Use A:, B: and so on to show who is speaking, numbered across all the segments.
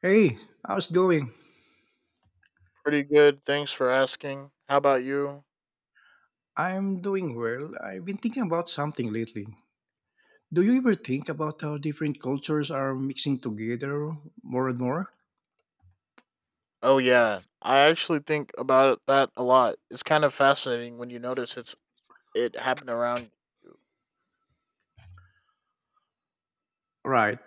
A: Hey, how's it going?
B: Pretty good. Thanks for asking. How about you?
A: I'm doing well. I've been thinking about something lately. Do you ever think about how different cultures are mixing together more and more?
B: Oh, yeah. I actually think about that a lot. It's kind of fascinating when you notice it happened around.
A: Right.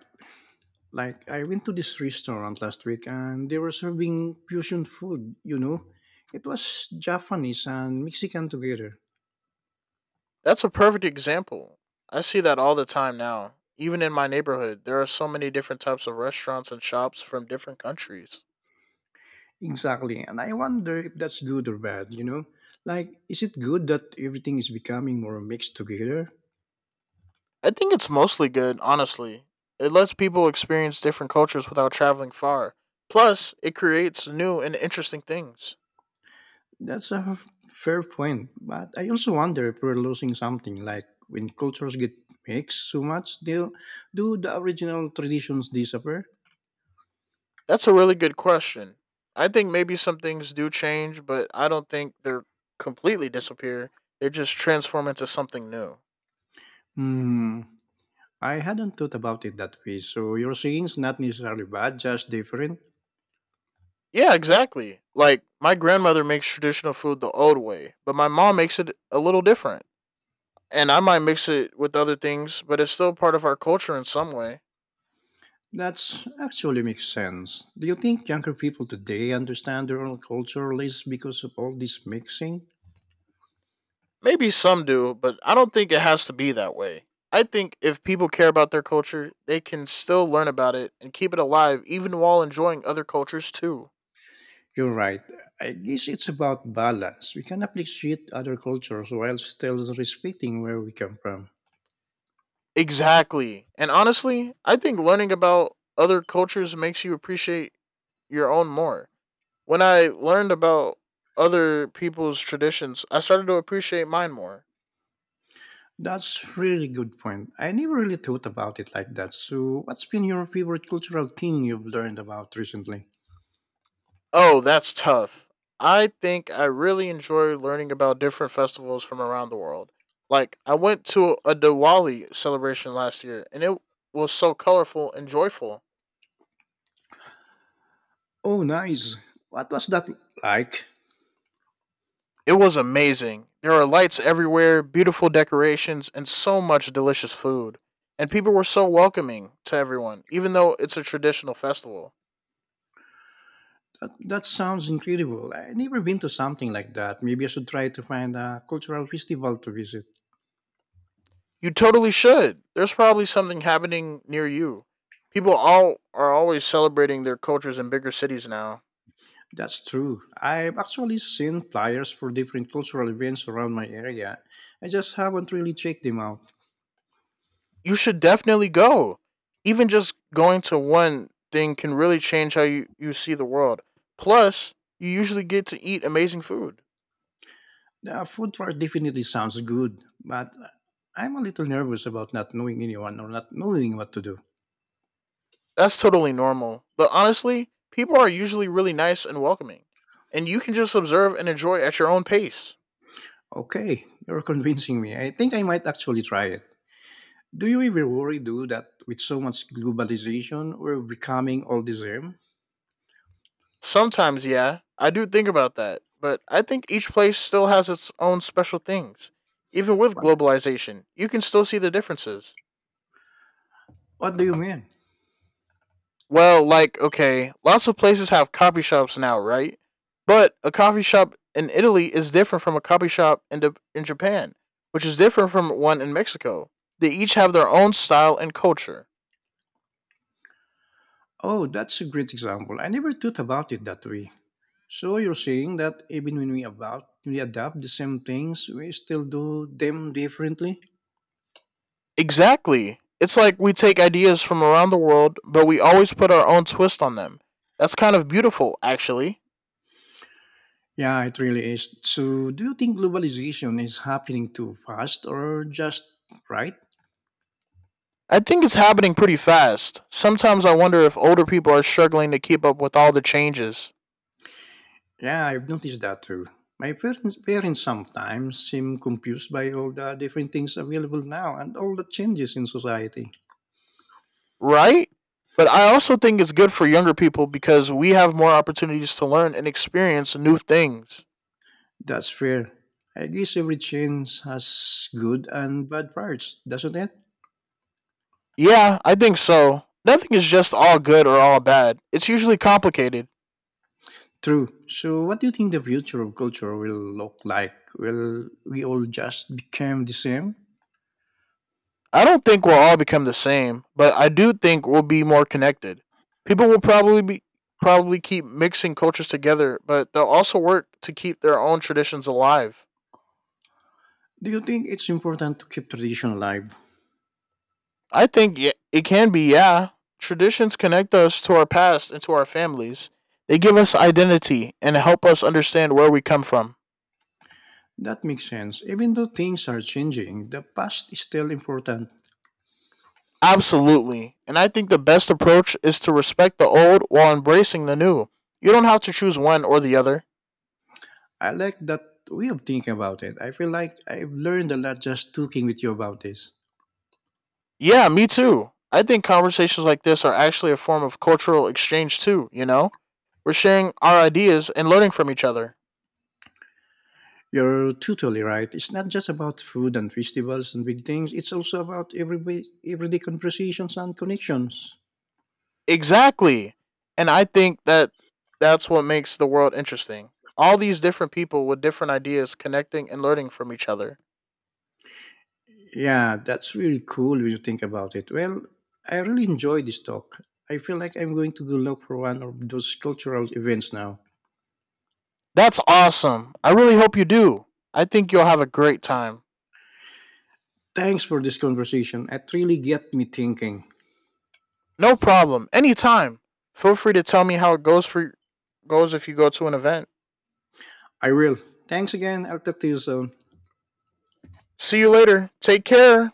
A: Like, I went to this restaurant last week and they were serving fusion food, you know? It was Japanese and Mexican together.
B: That's a perfect example. I see that all the time now. Even in my neighborhood, there are so many different types of restaurants and shops from different countries.
A: Exactly. And I wonder if that's good or bad, you know? Like, is it good that everything is becoming more mixed together?
B: I think it's mostly good, honestly. It lets people experience different cultures without traveling far. Plus, it creates new and interesting things.
A: That's a f- Fair point, but I also wonder if we're losing something. Like when cultures get mixed so much, do the original traditions disappear?
B: That's a really good question. I think maybe some things do change, but I don't think they're completely disappear. They just transform into something new.
A: Hmm, I hadn't thought about it that way. So your singing's not necessarily bad, just different.
B: Yeah, exactly. Like my grandmother makes traditional food the old way, but my mom makes it a little different. And I might mix it with other things, but it's still part of our culture in some way.
A: That's actually makes sense. Do you think younger people today understand their own culture less because of all this mixing?
B: Maybe some do, but I don't think it has to be that way. I think if people care about their culture, they can still learn about it and keep it alive even while enjoying other cultures too.
A: You're right. I guess it's about balance. We can appreciate other cultures while still respecting where we come from.
B: Exactly. And honestly, I think learning about other cultures makes you appreciate your own more. When I learned about other people's traditions, I started to appreciate mine more.
A: That's really good point. I never really thought about it like that. So, what's been your favorite cultural thing you've learned about recently?
B: Oh, that's tough. I think I really enjoy learning about different festivals from around the world. Like, I went to a Diwali celebration last year and it was so colorful and joyful.
A: Oh, nice. What was that like?
B: It was amazing. There were lights everywhere, beautiful decorations, and so much delicious food. And people were so welcoming to everyone, even though it's a traditional festival.
A: That sounds incredible. I never been to something like that. Maybe I should try to find a cultural festival to visit.
B: You totally should. There's probably something happening near you. People all are always celebrating their cultures in bigger cities now.
A: That's true. I've actually seen flyers for different cultural events around my area. I just haven't really checked them out.
B: You should definitely go. Even just going to one thing can really change how you see the world. Plus, you usually get to eat amazing food.
A: The food part definitely sounds good, but I'm a little nervous about not knowing anyone or not knowing what to do.
B: That's totally normal. But honestly, people are usually really nice and welcoming, and you can just observe and enjoy at your own pace.
A: Okay, you're convincing me. I think I might actually try it. Do you ever worry, do that with so much globalization, we're becoming all the same?
B: Sometimes, yeah, I do think about that, but I think each place still has its own special things. Even with
A: What,
B: globalization, you can still see the differences.
A: what do you mean?
B: Well, like, okay, lots of places have coffee shops now, right? But a coffee shop in Italy is different from a coffee shop in Japan, which is different from one in Mexico. They each have their own style and culture.
A: Oh, that's a great example. I never thought about it that way. So you're saying that even when we adapt the same things, we still do them differently?
B: Exactly. It's like we take ideas from around the world, but we always put our own twist on them. That's kind of beautiful, actually.
A: Yeah, it really is. So, do you think globalization is happening too fast or just right?
B: I think it's happening pretty fast. Sometimes I wonder if older people are struggling to keep up with all the changes,
A: Yeah, I've noticed that too. My parents sometimes seem confused by all the different things available now and all the changes in society.
B: right? But I also think it's good for younger people because we have more opportunities to learn and experience new things.
A: That's fair. I guess every change has good and bad parts, doesn't it?
B: Yeah, I think so. Nothing is just all good or all bad, it's usually complicated.
A: True. So, what do you think the future of culture will look like? Will we all just become the same?
B: I don't think we'll all become the same, but I do think we'll be more connected. People will probably keep mixing cultures together, but they'll also work to keep their own traditions alive.
A: Do you think it's important to keep tradition alive?
B: I think it can be, yeah. Traditions connect us to our past and to our families. They give us identity and help us understand where we come from.
A: That makes sense. Even though things are changing, the past is still important.
B: Absolutely. And I think the best approach is to respect the old while embracing the new. You don't have to choose one or the other.
A: I like that way of thinking about it. I feel like I've learned a lot just talking with you about this.
B: Yeah, me too. I think conversations like this are actually a form of cultural exchange too, you know? We're sharing our ideas and learning from each other.
A: You're totally right. It's not just about food and festivals and big things. It's also about everyday conversations and connections.
B: Exactly. And I think that's what makes the world interesting. All these different people with different ideas connecting and learning from each other.
A: Yeah, that's really cool when you think about it. Well, I really enjoy this talk. I feel like I'm going to go look for one of those cultural events now.
B: That's awesome. I really hope you do. I think you'll have a great time.
A: Thanks for this conversation. It really got me thinking.
B: No problem. Anytime. Feel free to tell me how it goes if you go to an event.
A: I will. Thanks again, I'll talk to you soon.
B: See you later. Take care.